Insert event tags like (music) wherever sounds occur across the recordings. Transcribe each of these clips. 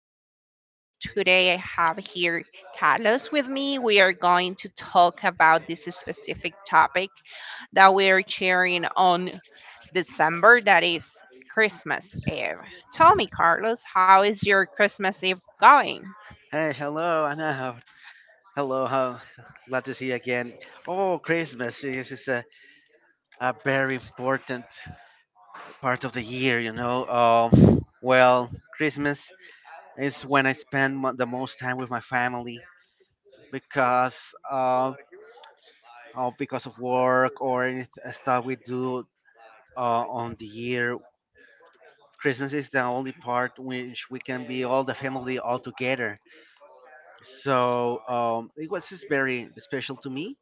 episode. Today I have here Carlos with me. We are going to talk about this specific topic that we are sharing on December, that is Christmas Eve. Tell me, Carlos, how is your Christmas Eve going? Hey, hello, I know. Hello, how glad to see you again. Oh, Christmas is a very important part of the year. Well, Christmas is when I spend the most time with my family because of, because of work or any stuff we do on the year. Christmas is the only part which we can be all the family all together, so it was just very special to me.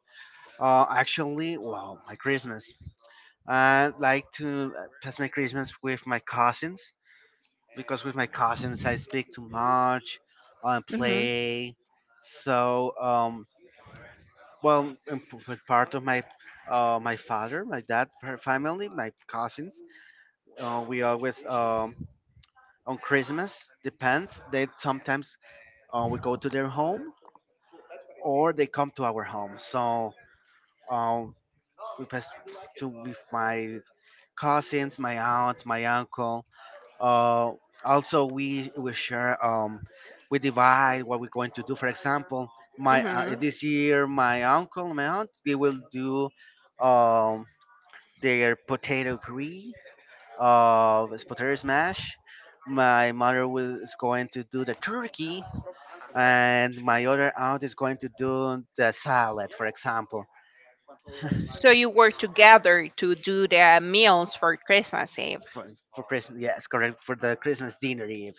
Actually, well, my Christmas. I like to pass my Christmas with my cousins because with my cousins I speak too much, I Hmm. play. So, well, and with part of my father, my dad, her family, my cousins, we always on Christmas depends. They sometimes we go to their home or they come to our home. So. Um, we pass to with my cousins, my aunt, my uncle. Uh, Also, we share. We divide what we're going to do. For example, my Hmm. this year, my uncle, my aunt, they will do um, their potato puree, this potato smash. My mother is going to do the turkey, and my other aunt is going to do the salad, for example. (laughs) So you work together to do the meals for Christmas Eve. for for Christmas. Yes, correct for the Christmas dinner eve.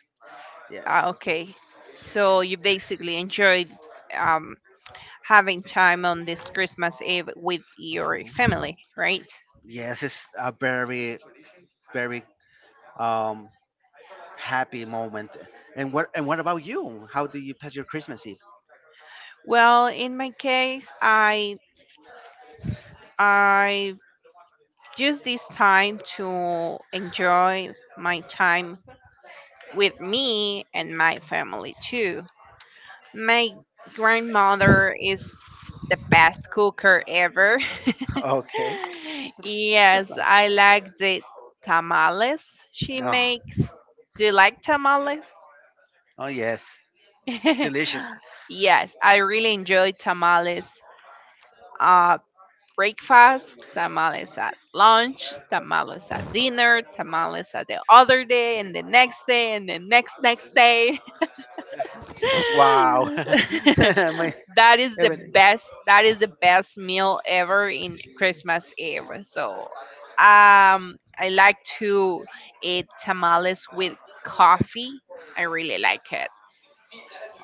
Ah, Yes. okay. So you basically enjoyed um, having time on this Christmas Eve with your Mhm. family, right? Yes, it's a very very um happy moment. And what about you? How do you pass your Christmas Eve? Well, in my case, I use this time to enjoy my time with me and my family too. My grandmother is the best cooker ever. (laughs) Okay, (laughs) that's Yes, nice. I like the tamales she Oh, makes. Do you like tamales? oh, yes, delicious. (laughs) Yes, I really enjoy tamales, uh, breakfast, tamales at lunch, tamales at dinner, tamales at the other day, and the next day, and the next day. Wow, (laughs) (laughs) my That is the everything. best. That is the best meal ever in Christmas Eve. So, I like to eat tamales with coffee. I really like it.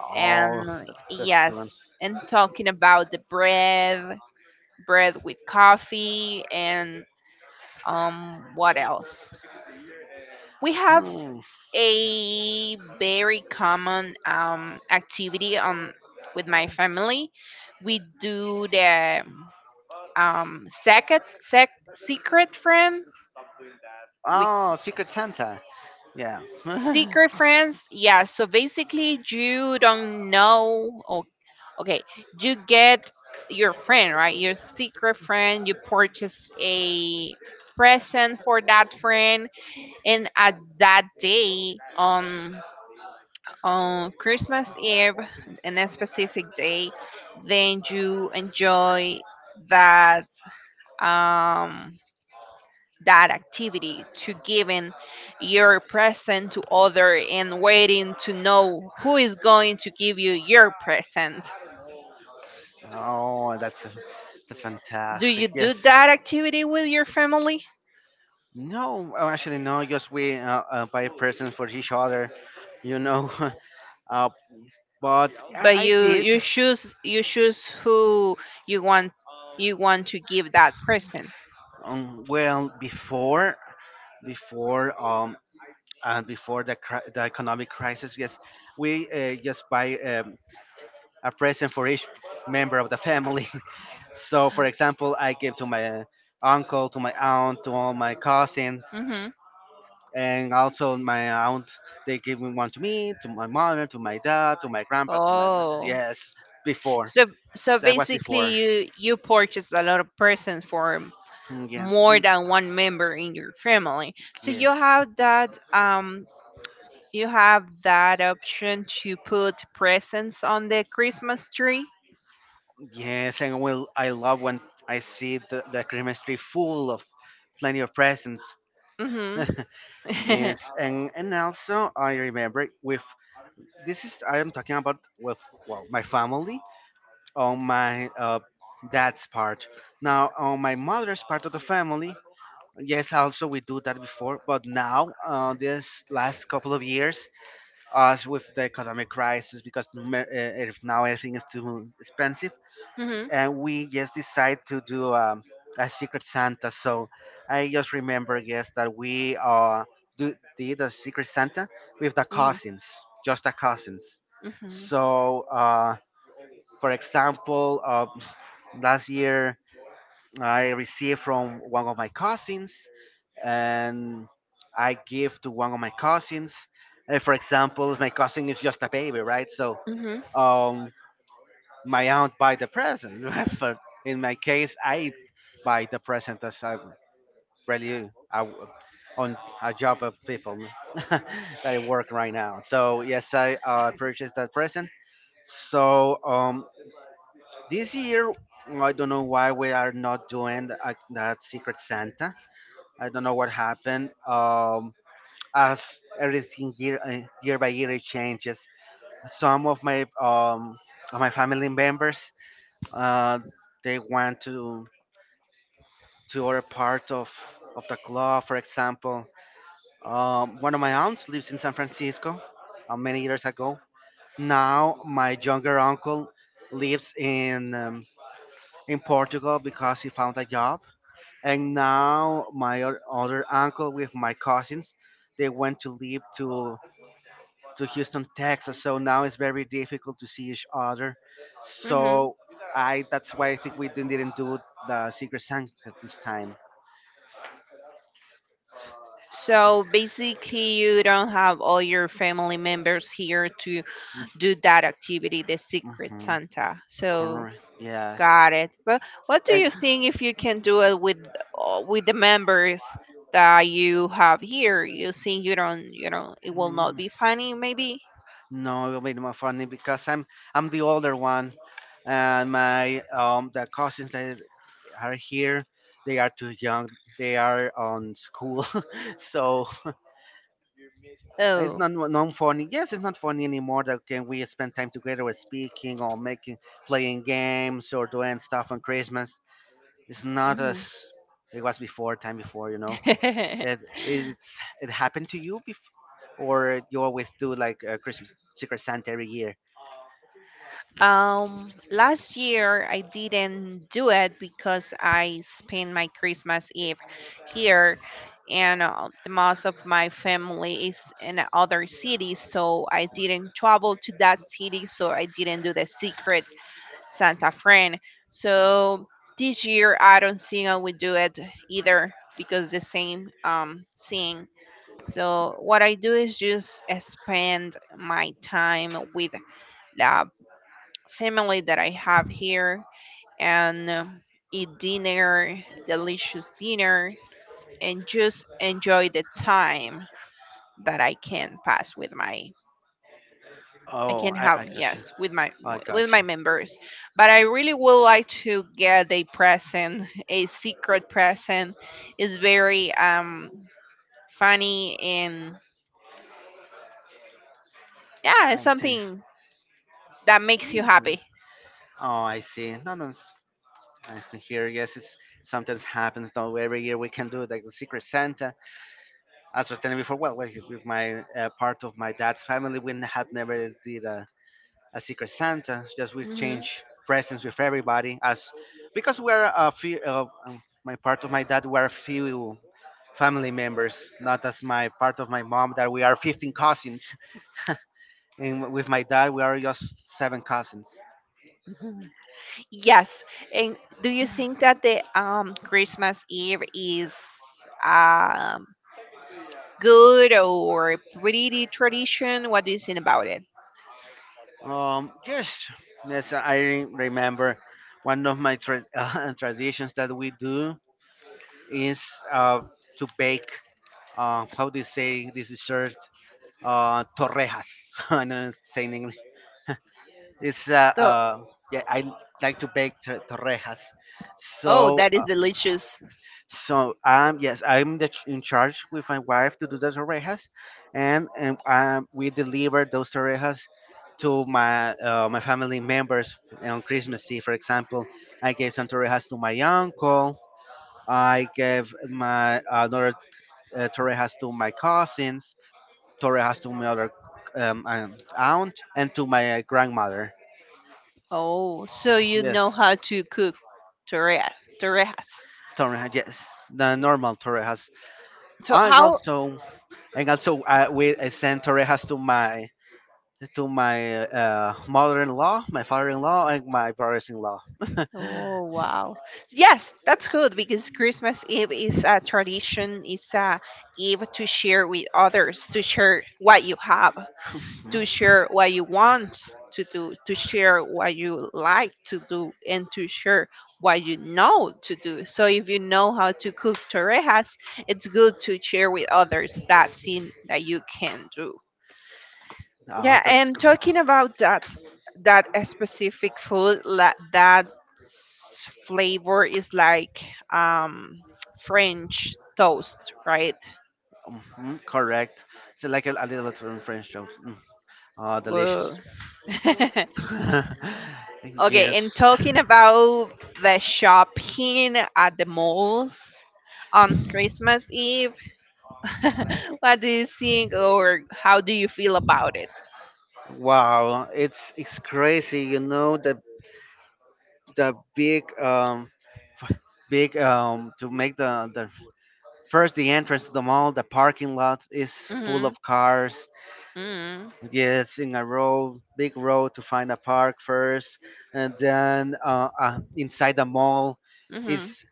Oh, And that's good. yes, and talking about the bread with coffee and what else? We have Hmm. a very common activity on with my family. We do the second secret friend. We Oh, Secret Santa. Yeah. (laughs) secret friends. Yeah, so basically you don't know, or okay, you get your friend, right? Your secret friend. You purchase a present for that friend, and at that day on Christmas Eve, and a specific day, then you enjoy that um that activity to giving your present to other and waiting to know who is going to give you your present. Oh, that's Do you fantastic. do Yes. that activity with your family? No, actually, no. Just we buy presents for each other, you know. (laughs) uh, but I, But I you did. you choose, who you want, to give that person. Well, before, um, before the the economic crisis, yes, we just buy a present for each member of the family. (laughs) So, for example, I gave to my uncle, to my aunt, to all my cousins. Mm-hmm. And also my aunt, they gave me one to my mother, to my dad, to my grandpa, to my Oh. yes. Before. So so That was basically before. you purchase a lot of presents for Mm, yes. more Mm, than one member in your family, so yes, you have that option to put presents on the Christmas tree. yes. And well, I love when I see the Christmas tree full of plenty of presents. Mm-hmm. (laughs) (laughs) Mm-hmm. Yes. And also, I remember with, this is, I am talking about with, well, my family on my dad's part, now on my mother's part of the family. Yes, also we do that before, but now, this last couple of years, us with the economic crisis, because if now everything is too expensive, and we just decide to do a Secret Santa. So I just remember, yes, that we did a Secret Santa with the Mm-hmm. cousins, just the cousins. Mm-hmm. So, for example, last year, I received from one of my cousins, and I give to one of my cousins. For example, if my cousin is just a baby, right? So um, my aunt buy the present. (laughs) Right? But in my case, I buy the present as I really on a job of people (laughs) that I work right now. So yes, I purchased that present. So this year, I don't know why we are not doing that Secret Santa. I don't know what happened. As everything, year year by year, it changes. Some of my family members uh they want to other part of the club. For example, one of my aunts lives in San Francisco. Many years ago. Now my younger uncle lives in Portugal because he found a job. And now my other uncle with my cousins, they went to live to Houston, Texas. So now it's very difficult to see each other. Mm-hmm. So I that's why I think we didn't do the Secret Santa this time. So basically, you don't have all your family members here to do that activity, the Secret Mm-hmm. Santa. So Correct. Yes. got it. But what do And you think if you can do it with, with the members that you have here? You think you don't, it will not mm, be funny, maybe? no, it'll be more funny because I'm the older one, and my the cousins that are here, they are too young. They are on school. (laughs) So it's Oh. not non funny. Yes, it's not funny anymore. That can we spend time together with speaking or making playing games or doing stuff on Christmas. It's not as Mhm. it was before. Time before. (laughs) It happened to you before, or you always do like Christmas Secret Santa every year. Last year I didn't do it because I spent my Christmas Eve here, and the most of my family is in other cities, so I didn't travel to that city, so I didn't do the secret Santa friend. So this year I don't think I will do it either because the same thing. So what I do is just spend my time with the family that I have here and eat dinner, delicious dinner, and just enjoy the time that I can pass with my I Oh, can I have, I got you. yes, with my I got with my you. members. But I really would like to get a present, (laughs) a secret present. It's very funny and yeah, it's I see. something that makes you Mhm. happy. Oh, I see. No, no, it's nice to hear. Yes, it's sometimes happens though. Every year we can do like the Secret Santa as I was telling before, well, like with my part of my dad's family, we had never did a Secret Santa. Just we change presents with everybody, as because we're a few of my part of my dad, we're a few family members, not as my part of my mom that we are 15 cousins, and with my dad we are just seven cousins. Yes. And do you think that the Christmas Eve is um good or pretty tradition? What do you think about it? Yes, yes, I remember one of my (laughs) traditions that we do is uh, to bake how do you say this shirt? Torrejas. (laughs) I don't say in English. It's So, yeah. I like to bake torrejas. oh, So that is uh, delicious. so, yes, I'm in charge with my wife to do the torrejas, and we deliver those torrejas to my family members on Christmas Eve. For example, I gave some torrejas to my uncle. I gave my another torrejas to my cousins. Torre has to my other aunt and to my grandmother. Oh, so you know Yes, how to cook torre- torrejas. Torre. Yes, the normal Torre has. So And how? also, and also, we I send Torre has to my mother-in-law, my father-in-law, and my brothers-in-law. (laughs) Oh wow. Yes, that's good because Christmas Eve is a tradition. It's a eve to share with others, to share what you have, to Mhm. share what you want to do, to share what you like to do, and to share what you know to do. So if you know how to cook torrejas, it's good to share with others that thing that you can do. Ah, Yeah, that's and great. talking about that, a specific food that flavor is like um French toast, right? Mhm, correct. It's like a little bit of French jokes. Mm. Ah, delicious. Well, (laughs) (laughs) okay, and Yes. talking about the shopping at the malls on Christmas Eve, (laughs) what do you think or how do you feel about it? Wow, it's crazy, the big big to make the first the entrance to the mall, the parking lot is full Mhm. of cars, Mhm. yes, in a row, big row, to find a park first, and then inside the mall Mhm. is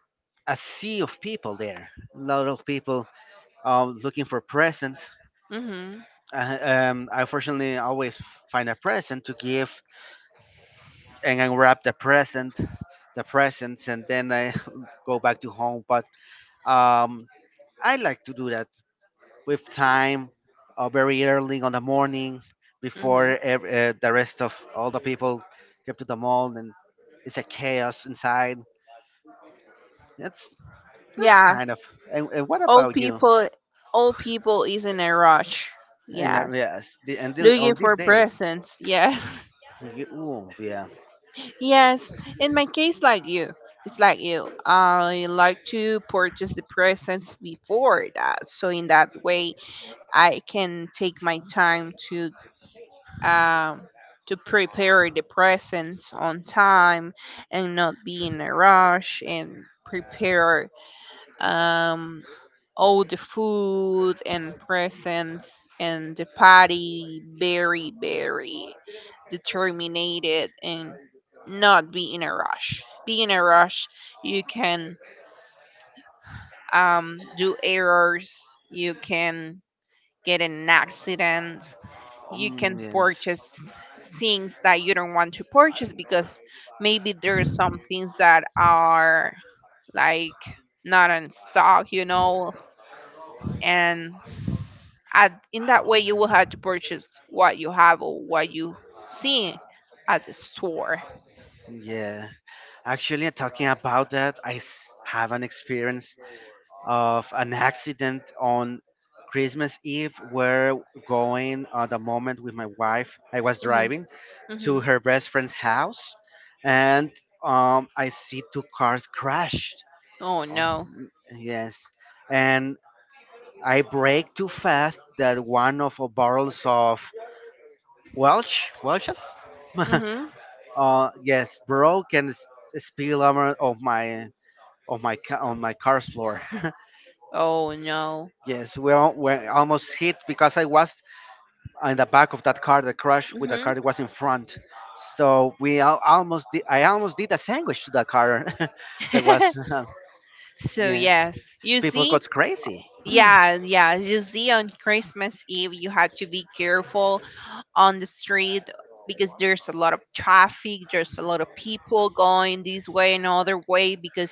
a sea of people there, a lot of people looking for presents. Mhm. I fortunately always find a present to give and unwrap the presents, and then I (laughs) go back to home. But um, I like to do that with time, very early on the morning, before Mhm. The rest of all the people get to the mall, and it's a chaos inside. That's that's Yeah, kind of. And what old about you? people old people is in a rush. And Yes. yes, Looking on for these days, presents. Yes. Ooh, yeah, (laughs) Yes, in my case like you. It's like you. I like to purchase the presents before that. So in that way, I can take my time um, to prepare the presents on time and not be in a rush and prepare, um, all the food and presents and the party very, very determined, and not be in a rush. Be in a rush, you can, do errors, you can get in an accident. You can yes, purchase things that you don't want to purchase because maybe there are some things that are like not in stock, and in that way you will have to purchase what you have or what you see at the store. yeah. Actually, talking about that, I have an experience of an accident on Christmas Eve. We're going at the moment with my wife. I was Hmm. driving to Hmm. her best friend's house, and I see two cars crashed. Oh Oh, no. yes, and I brake too fast that one of our barrels of Welches. (laughs) Hmm. Yes, broke and spilled over on my car's floor. (laughs) Oh no. Yes, we almost hit because I was in the back of that car that crashed with the Hmm. car that was in front. So we al- almost did, I almost did a sandwich to the car (laughs) that was. (laughs) (laughs) So Yeah. yes, you People see, got crazy. yeah, yeah. You see, on Christmas Eve, you have to be careful on the street because there's a lot of traffic. There's a lot of people going this way and other way because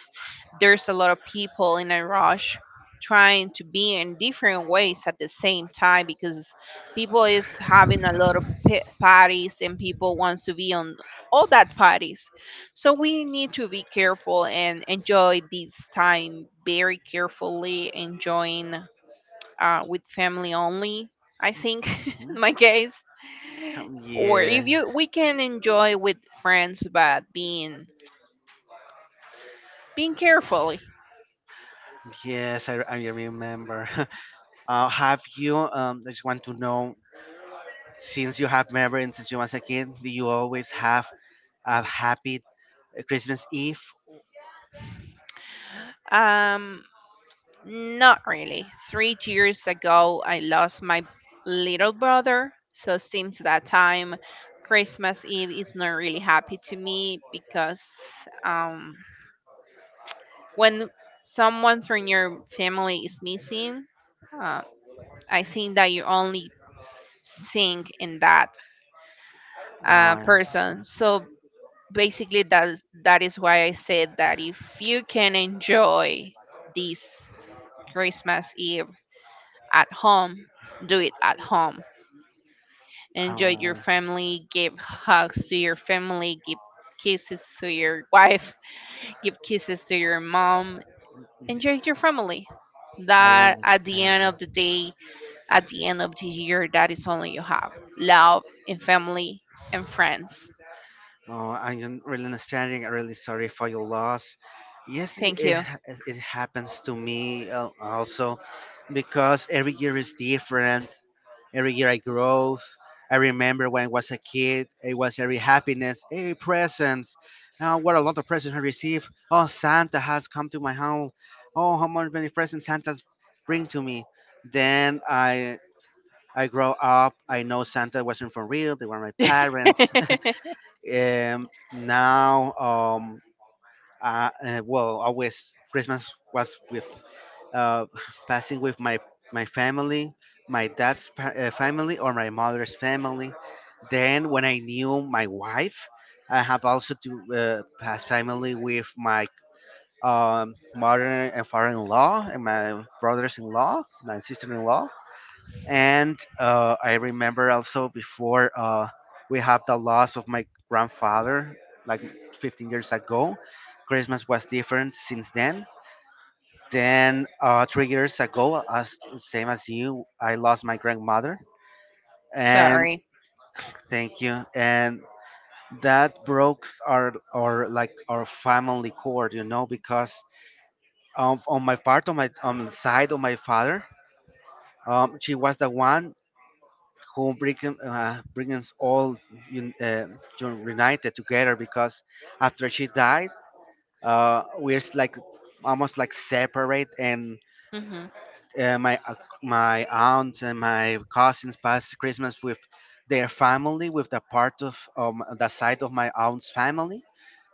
there's a lot of people in a rush trying to be in different ways at the same time because people is having a lot of parties and people wants to be on all that parties, so we need to be careful and enjoy this time very carefully enjoying, with family only. I think (laughs) in Mhm. my case, or if Yeah, you we can enjoy with friends, but being carefully. yes, I remember. (laughs) Have you? I just want to know. Since you have memories since you was a kid, do you always have a happy Christmas Eve? Um, not really. 3 years ago, I lost my little brother, so since that time, Christmas Eve is not really happy to me because, um, when someone from your family is missing, uh, I think that you only think in that Oh, I s- person. So basically, that is why I said that if you can enjoy this Christmas Eve at home, do it at home. Enjoy your oh, family, give hugs to your family, give kisses to your wife, (laughs) give kisses to your mom. Enjoy your family. I That at the understand. end of the day, at the end of the year, that is only you have love and family and friends. Oh, I am really understanding. I'm really sorry for your loss. Yes, it Thank it you. ha- it happens to me also because every year is different. Every year I grow. I remember when I was a kid, it was every happiness, every presents. Oh, what a lot of presents I received. Oh, Santa has come to my home. Oh, how much many presents Santa's bring to me. Then I grow up. I know Santa wasn't for real. They were my parents. (laughs) Now, well, always Christmas was with uh, (laughs) passing with my family, my dad's family or my mother's family. Then, when I knew my wife, I have also to pass family with my mother and father-in-law and my brothers-in-law, my sister-in-law, and I remember also before we have the loss of my grandfather, like 15 years ago. Christmas was different since then. Then 3 years ago, as same as you, I lost my grandmother, and Sorry. thank you. And that broke our like our family cord, you know, because on my part, on my on the side of my father, she was the one who bring us all un- uh, united together because after she died, like almost like separate. And Mhm. My my aunt and my cousins passed Christmas with their family, with the part of the side of my aunt's family,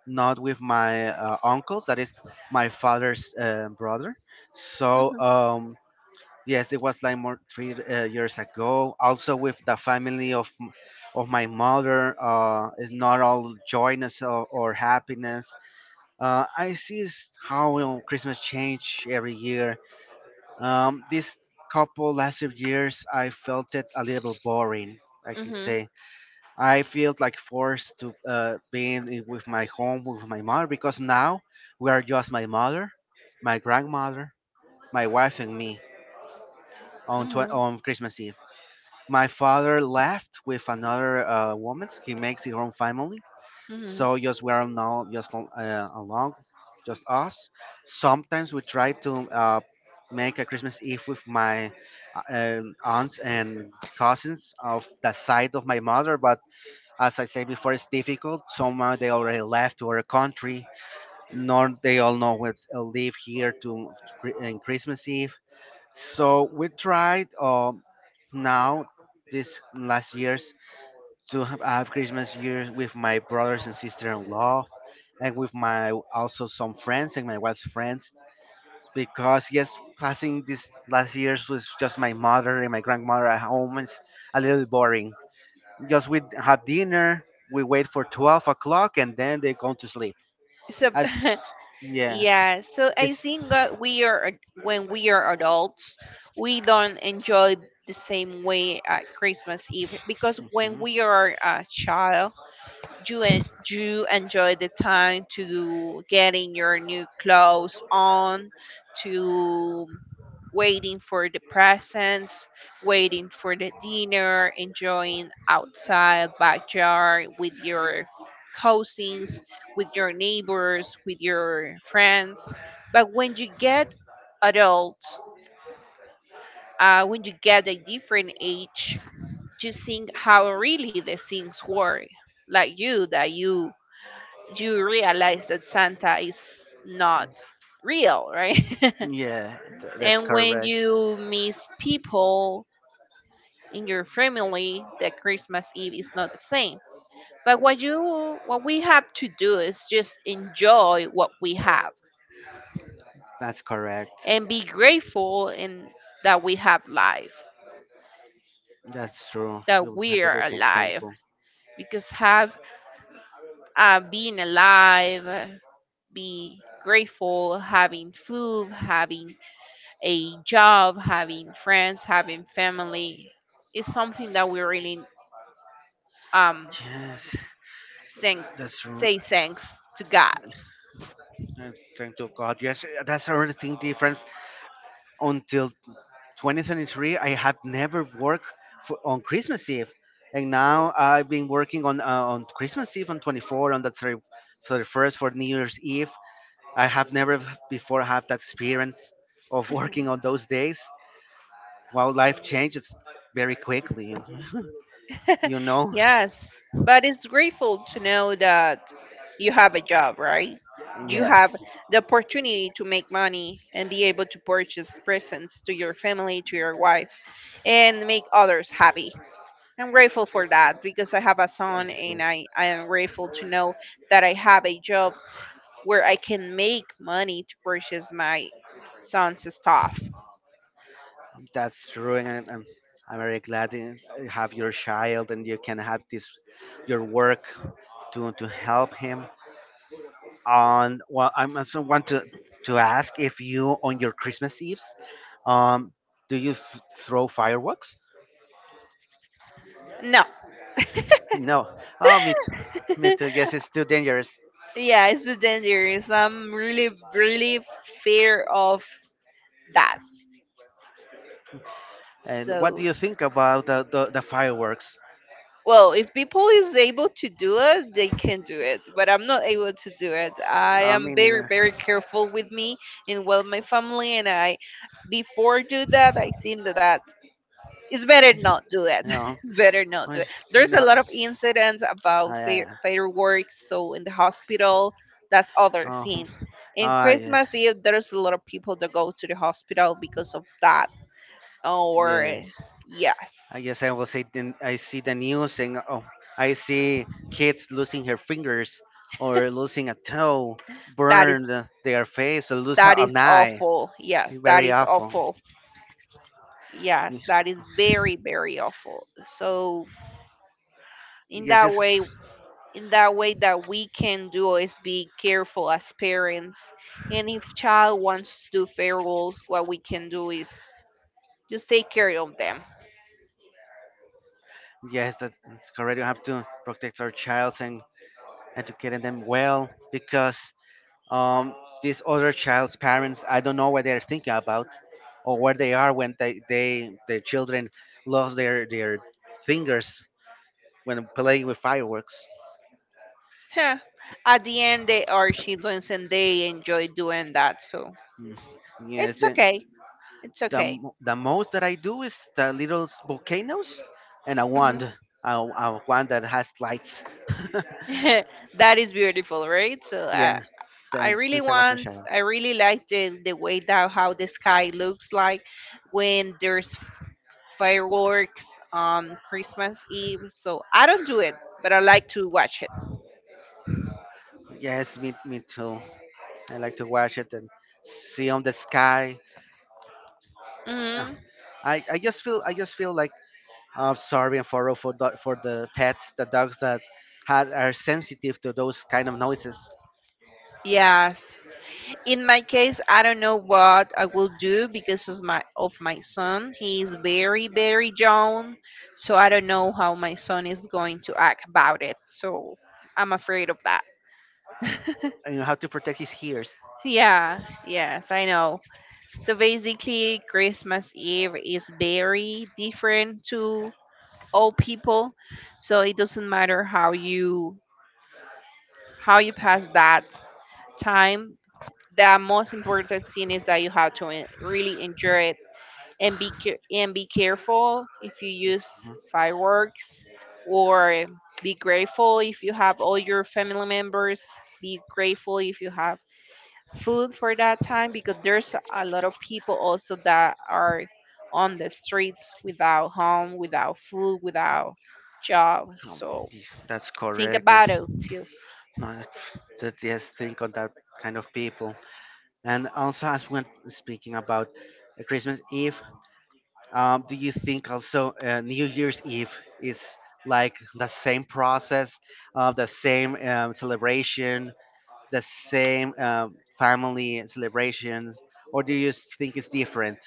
not with my uncles. That is my father's brother. So. Mhm. Um, Yes, it was like more three years ago. Also, with the family of of my mother, is not all joyness or happiness. I see how, you know, Christmas change every year. This couple last few years, I felt it a little bit boring, I can Mhm. say. I feel like forced to with my home with my mother because now we are just my mother, my grandmother, my wife, and me Mhm. on Christmas Eve. My father left with another woman, so he makes his own family. Mhm. So just we are now just along, just us. Sometimes we try to make a Christmas Eve with my aunts and cousins of the side of my mother. But as I said before, it's difficult. Somehow they already left to our country. Nor they all know what's live here to in Christmas Eve. So we tried now this last year to I have Christmas here with my brothers and sister-in-law, and with my also some friends and my wife's friends. Because yes, passing this last years with just my mother and my grandmother at home is a little boring. Just we have dinner, we wait for 12 o'clock, and then they go to sleep. So As (laughs) yeah, yeah, so I it's think that when we are adults, we don't enjoy the same way at Christmas Eve because when mhm. we are a child, you en- you enjoy the time to getting your new clothes on, to waiting for the presents, waiting for the dinner, enjoying outside backyard with your cousins, with your neighbors, with your friends. But when you get adult, when you get a different age, you think how really the things work, like you that you realize that Santa is not real, right? (laughs) Yeah, that's And when correct. you miss people in your family, that Christmas Eve is not the same. But what we have to do is just enjoy what we have That's correct. and be grateful in that we have life, That's true. that You have we to be are alive. thankful. Because have, being alive, be grateful, having food, having a job, having friends, having family is something that we really um Yes, thank, that's true. say thanks to God. And thank to God. Yes, that's another thing different. Until 2023, I have never worked for, on Christmas Eve, and now I've been working on Christmas Eve, on 24, on the 30 31st for New Year's Eve. I have never before had that experience of (laughs) Mhm. working on those days. While life changes very quickly, and (laughs) you (laughs) know, Yes, but it's grateful to know that you have a job, right? You have yes, the opportunity to make money and be able to purchase presents to your family, to your wife, and make others happy. I'm grateful for that because I have a son and I am grateful to know that I have a job where I can make money to purchase my son's stuff. that's true. And I'm very glad to have your child, and you can have this your work to help him on. Well, I also want to ask if you, on your Christmas Eves, um do you throw fireworks? No. No. Oh, me too. Me (laughs) too, yes, it's too dangerous. Yeah, it's too dangerous. I'm really, really fear of that. And what do So, you think about the fireworks? well, if people is able to do it, they can do it. But I'm not able to do it. I I am mean, you very, know. very careful with me and, well, my family and I. Before do that, I seen that it's better not do it. No. (laughs) It's better not I do it. There's a no. lot of incidents about I fireworks. So in the hospital, that's other Oh, scene. In I, uh, Christmas Eve, there's a lot of people that go to the hospital because of that. yeah, Or yes, I guess I will say then I see the news and oh, I see kids losing her fingers or losing a toe, that is burned their face or lose that an is eye. awful. Yes, that Very is awful. awful. Y- Yes, that is very, very awful. So in Yes, that it's, way, that we can do is be careful as parents, and if child wants to do farewells, what we can do is just take care of them. yes, that's correct. We have to protect our childs and educating them well because um, this other child's parents, I don't know what they're thinking about or where they are when they their children lost their fingers when playing with fireworks. Huh. At the end they are children and they enjoy doing that, so Mm, yes, it's the, okay, it's okay. The most that I do is the little volcanoes and Mhm. A wand that has lights. (laughs) (laughs) That is beautiful, right? So Yeah, then since I was a child. I really like the way that how the sky looks like when there's fireworks on Christmas Eve. So I don't do it, but I like to watch it. Yes, me too. I like to watch it and see on the sky. Uh, Hmm. I just feel like sorry, and for the pets, the dogs that had are sensitive to those kind of noises. Yes. In my case, I don't know what I will do because of my son. He is very young, so I don't know how my son is going to act about it. So I'm afraid of that. And you have to protect his ears. Yeah. Yes, I know. So basically, Christmas Eve is very different to all people. So it doesn't matter how you pass that time. The most important thing is that you have to really enjoy it, and and be careful if you use Mhm. fireworks, or be grateful if you have all your family members, be grateful if you have food for that time, because there's a lot of people also that are on the streets, without home, without food, without job. Oh, So that's think correct. about it. No, that yes, think on that kind of people. And also, as we're speaking about Christmas Eve, do you think also New Year's Eve is like the same process, the same celebration, the same family celebration, or do you think it's different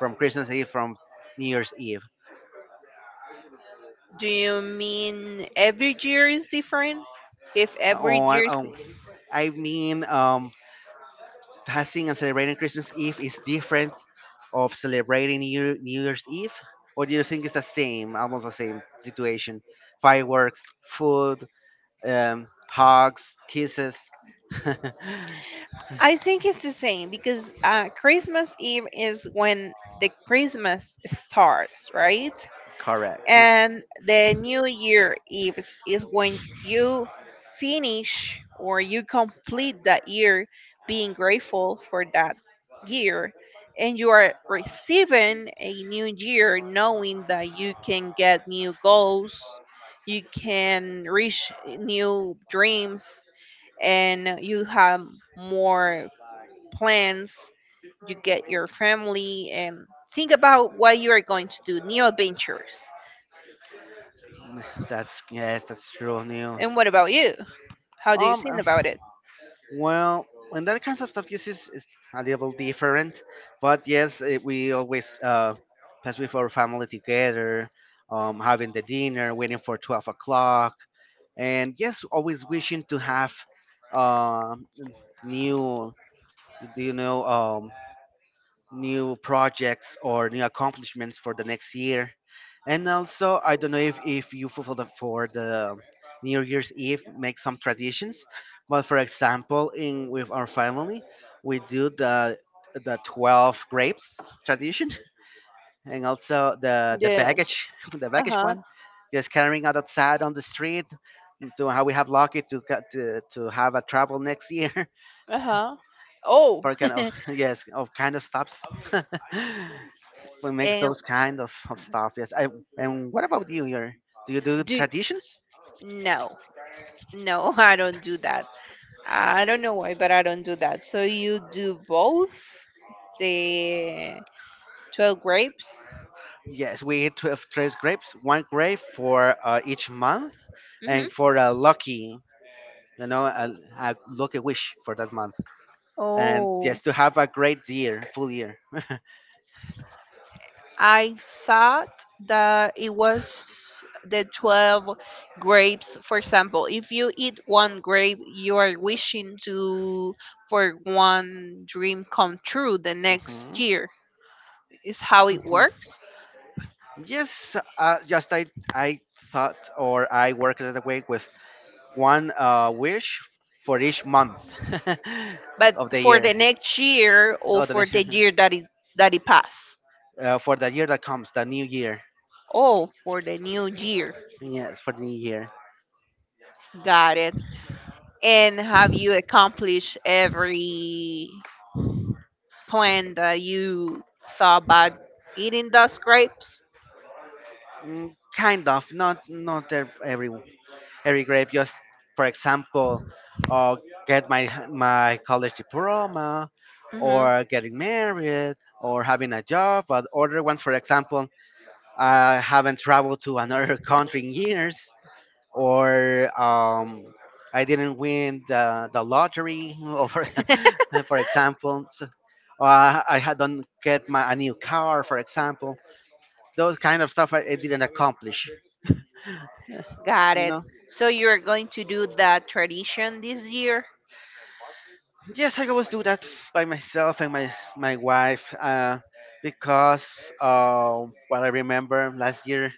from Christmas Eve from New Year's Eve? Do you mean every year is different? If Uh, every Oh, I, year is. oh, I mean, passing and celebrating Christmas Eve is different of celebrating New Year's Eve? Or do you think it's the same, almost the same situation? Fireworks, food, hugs, kisses. (laughs) I think it's the same because Christmas Eve is when the Christmas starts, right? Correct. Yeah, And the new year eve is when you finish or you complete that year, being grateful for that year, and you are receiving a new year knowing that you can get new goals, you can reach new dreams, and you have more plans. You get your family and think about what you are going to do, new adventures. (sighs) that's yes, that's true. New. And what about you? How do you Um, think about it? Well, in that kind of stuff, yes, is a little different. But yes, eh, we always pass with our family together, having the dinner, waiting for 12 o'clock, and yes, always wishing to have um, new, do you know, new projects or new accomplishments for the next year. And also, I don't know if you fulfill the, for the New Year's Eve make some traditions. But for example, in with our family, we do the 12 grapes tradition, and also the Yeah. baggage, (laughs) the Uh baggage huh. one, just carrying out outside on the street. To how we have lucky to have a travel next year. (laughs) Uh huh. Oh, For kind of (laughs) yes of kind of stops. (laughs) We makes (laughs) and those kind of stuff. Yes. I and what about you? Your do you do do traditions? no, no, (laughs) I don't do that. I don't know why, but I don't do that. So you do both the 12 grapes. Yes, we eat 12 fresh grapes, one grape for each month, Mm-hmm. and for a lucky, you know, a lucky wish for that month. And Oh, yes, to have a great year, full year. I thought that it was the 12 grapes. For example, if you eat one grape, you are wishing to for one dream come true the next Mhm. year. Is how it Mhm. works. Yes, just I thought or I worked that way with one wish for each month (laughs) of But the for year. the next year, or Oh, the for next, the year that it passed. For the year that comes, the new year. Oh, for the new year. Yes, for the new year. Got it. And have you accomplished every plan that you thought about eating those grapes? Mm, kind of, not every every grade just for example uh, get my college diploma Mm-hmm. or getting married or having a job, but other ones for example I haven't traveled to another (laughs) country in years or I didn't win the lottery (laughs) or for, (laughs) for example, so, I had don't get my a new car for example those kind of stuff I didn't accomplish. Got it. No. So you're going to do that tradition this year? Yes, I always do that by myself and my wife because what I remember last year,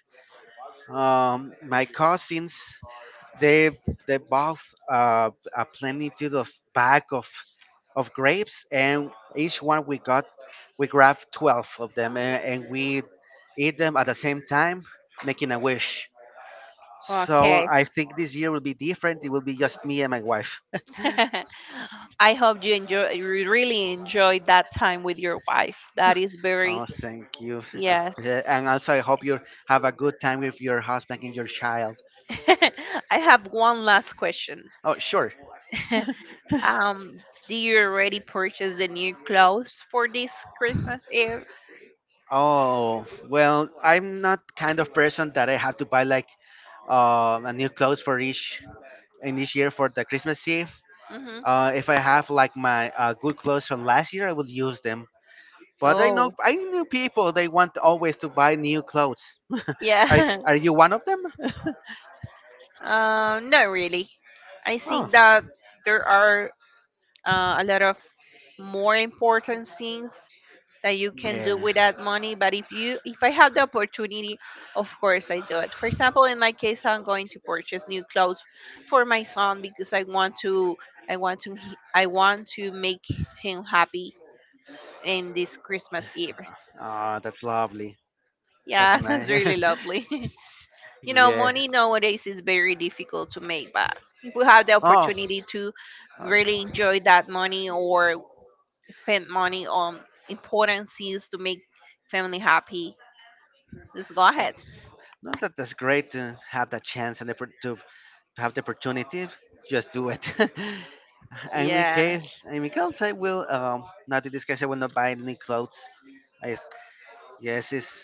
my cousins they they bought a plenitude of bag of grapes and each one we got we grabbed 12 of them and we eat them at the same time, making a wish. So Okay. I think this year will be different. It will be just me and my wife. (laughs) I hope you enjoy, you really enjoyed that time with your wife. That is very Oh, thank you. Yes. And also, I hope you have a good time with your husband and your child. (laughs) I have one last question. Oh, sure. (laughs) um do you already purchase the new clothes for this Christmas Eve? Oh, well, I'm not kind of person that I have to buy like a new clothes for each in each year for the Christmas Eve. Mm-hmm. If I have like my good clothes from last year, I will use them. But Oh, I know people they want always to buy new clothes. (laughs) are yeah. (laughs) are you one of them? Not really. I Oh, think that there are a lot of more important things that you can do yeah. with that money. But if you, if I have the opportunity, of course I do it. For example, in my case, I'm going to purchase new clothes for my son because I want to make him happy in this Christmas Eve. Oh, that's lovely. That's Yeah, (laughs) that's nice. really lovely. (laughs) you know, money (laughs) Yes. nowadays is very difficult to make, but if we have the Oh, opportunity to Oh, really enjoy that money, or spend money on important things to make family happy. Let's go oh, ahead. no, that, that's great to have that chance and the, to have the opportunity. Just do it. (laughs) And in Yes. case, in my case, I will. Not in this case, I will not buy any clothes. I yes, it's.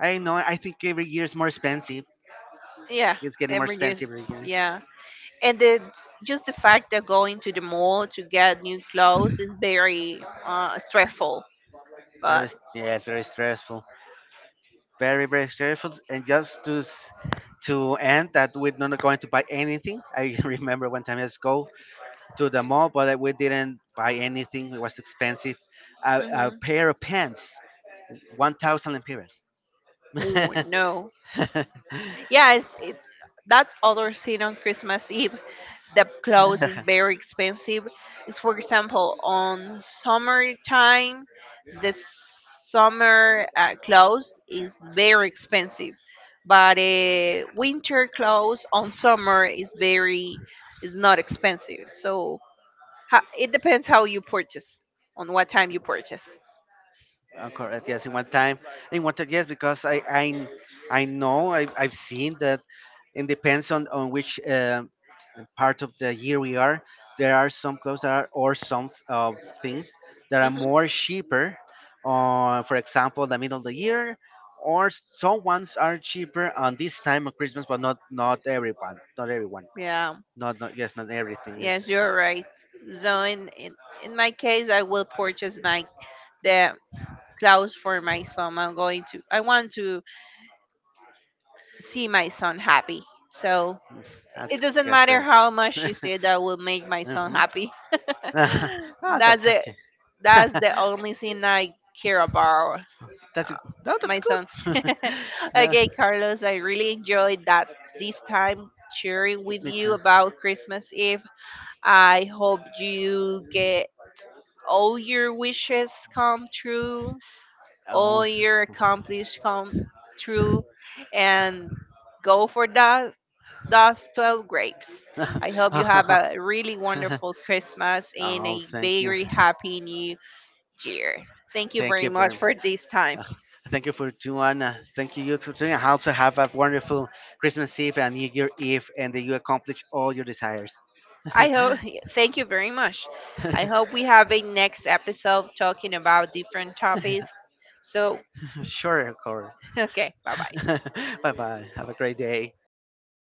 I know. I think every year is more expensive. Yeah. It's getting more Every expensive reduce. every year. Yeah. And the just the fact that going to the mall to get new clothes is very stressful. But Yes, very stressful. Very very stressful. And just to end that we're not going to buy anything. I (laughs) remember one time I just go to the mall, but we didn't buy anything. It was expensive. A hmm. pair of pants, 1,000 lempiras. Oh (laughs) no. Yeah, it's, it, that's other scene on Christmas Eve. The clothes is very expensive. It's for example on summertime, the summer clothes is very expensive, but winter clothes on summer is very is not expensive. So it depends how you purchase, on what time you purchase. Correct. Yes, in one time, yes, because I know I I've seen that it depends on which part of the year we are, there are some clothes that are or some things that are Hmm. more cheaper. For example, the middle of the year, or some ones are cheaper on this time of Christmas, but not not everyone, not everyone, Yeah. not not yes, not everything. Is Yes, you're right. So in in my case, I will purchase my the clothes for my son. I'm going to. I want to see my son happy. So it doesn't that's matter great. how much (laughs) she said that will make my son Hmm. happy. (laughs) (laughs) Oh, that's that's it. okay. That's (laughs) the only thing I care about. That's no, that's My son. good. (laughs) (laughs) No, okay, Carlos. I really enjoyed that this time sharing with me too. you about Christmas Eve. I hope you get all your wishes come true, Oh, all your accomplishments come true, and go for that, those 12 grapes. I hope you have a really wonderful Christmas (laughs) and oh, a thank you. very happy new year. Thank you Thank very you much for for this time. uh, thank you for doing. Thank you you for doing. And also have a wonderful Christmas Eve and New Year Eve, and that you accomplish all your desires. I hope, (laughs) thank you very much. I (laughs) hope we have a next episode talking about different topics. So, Sure, Cora. (laughs) okay, bye bye. (laughs) Bye bye. Have a great day.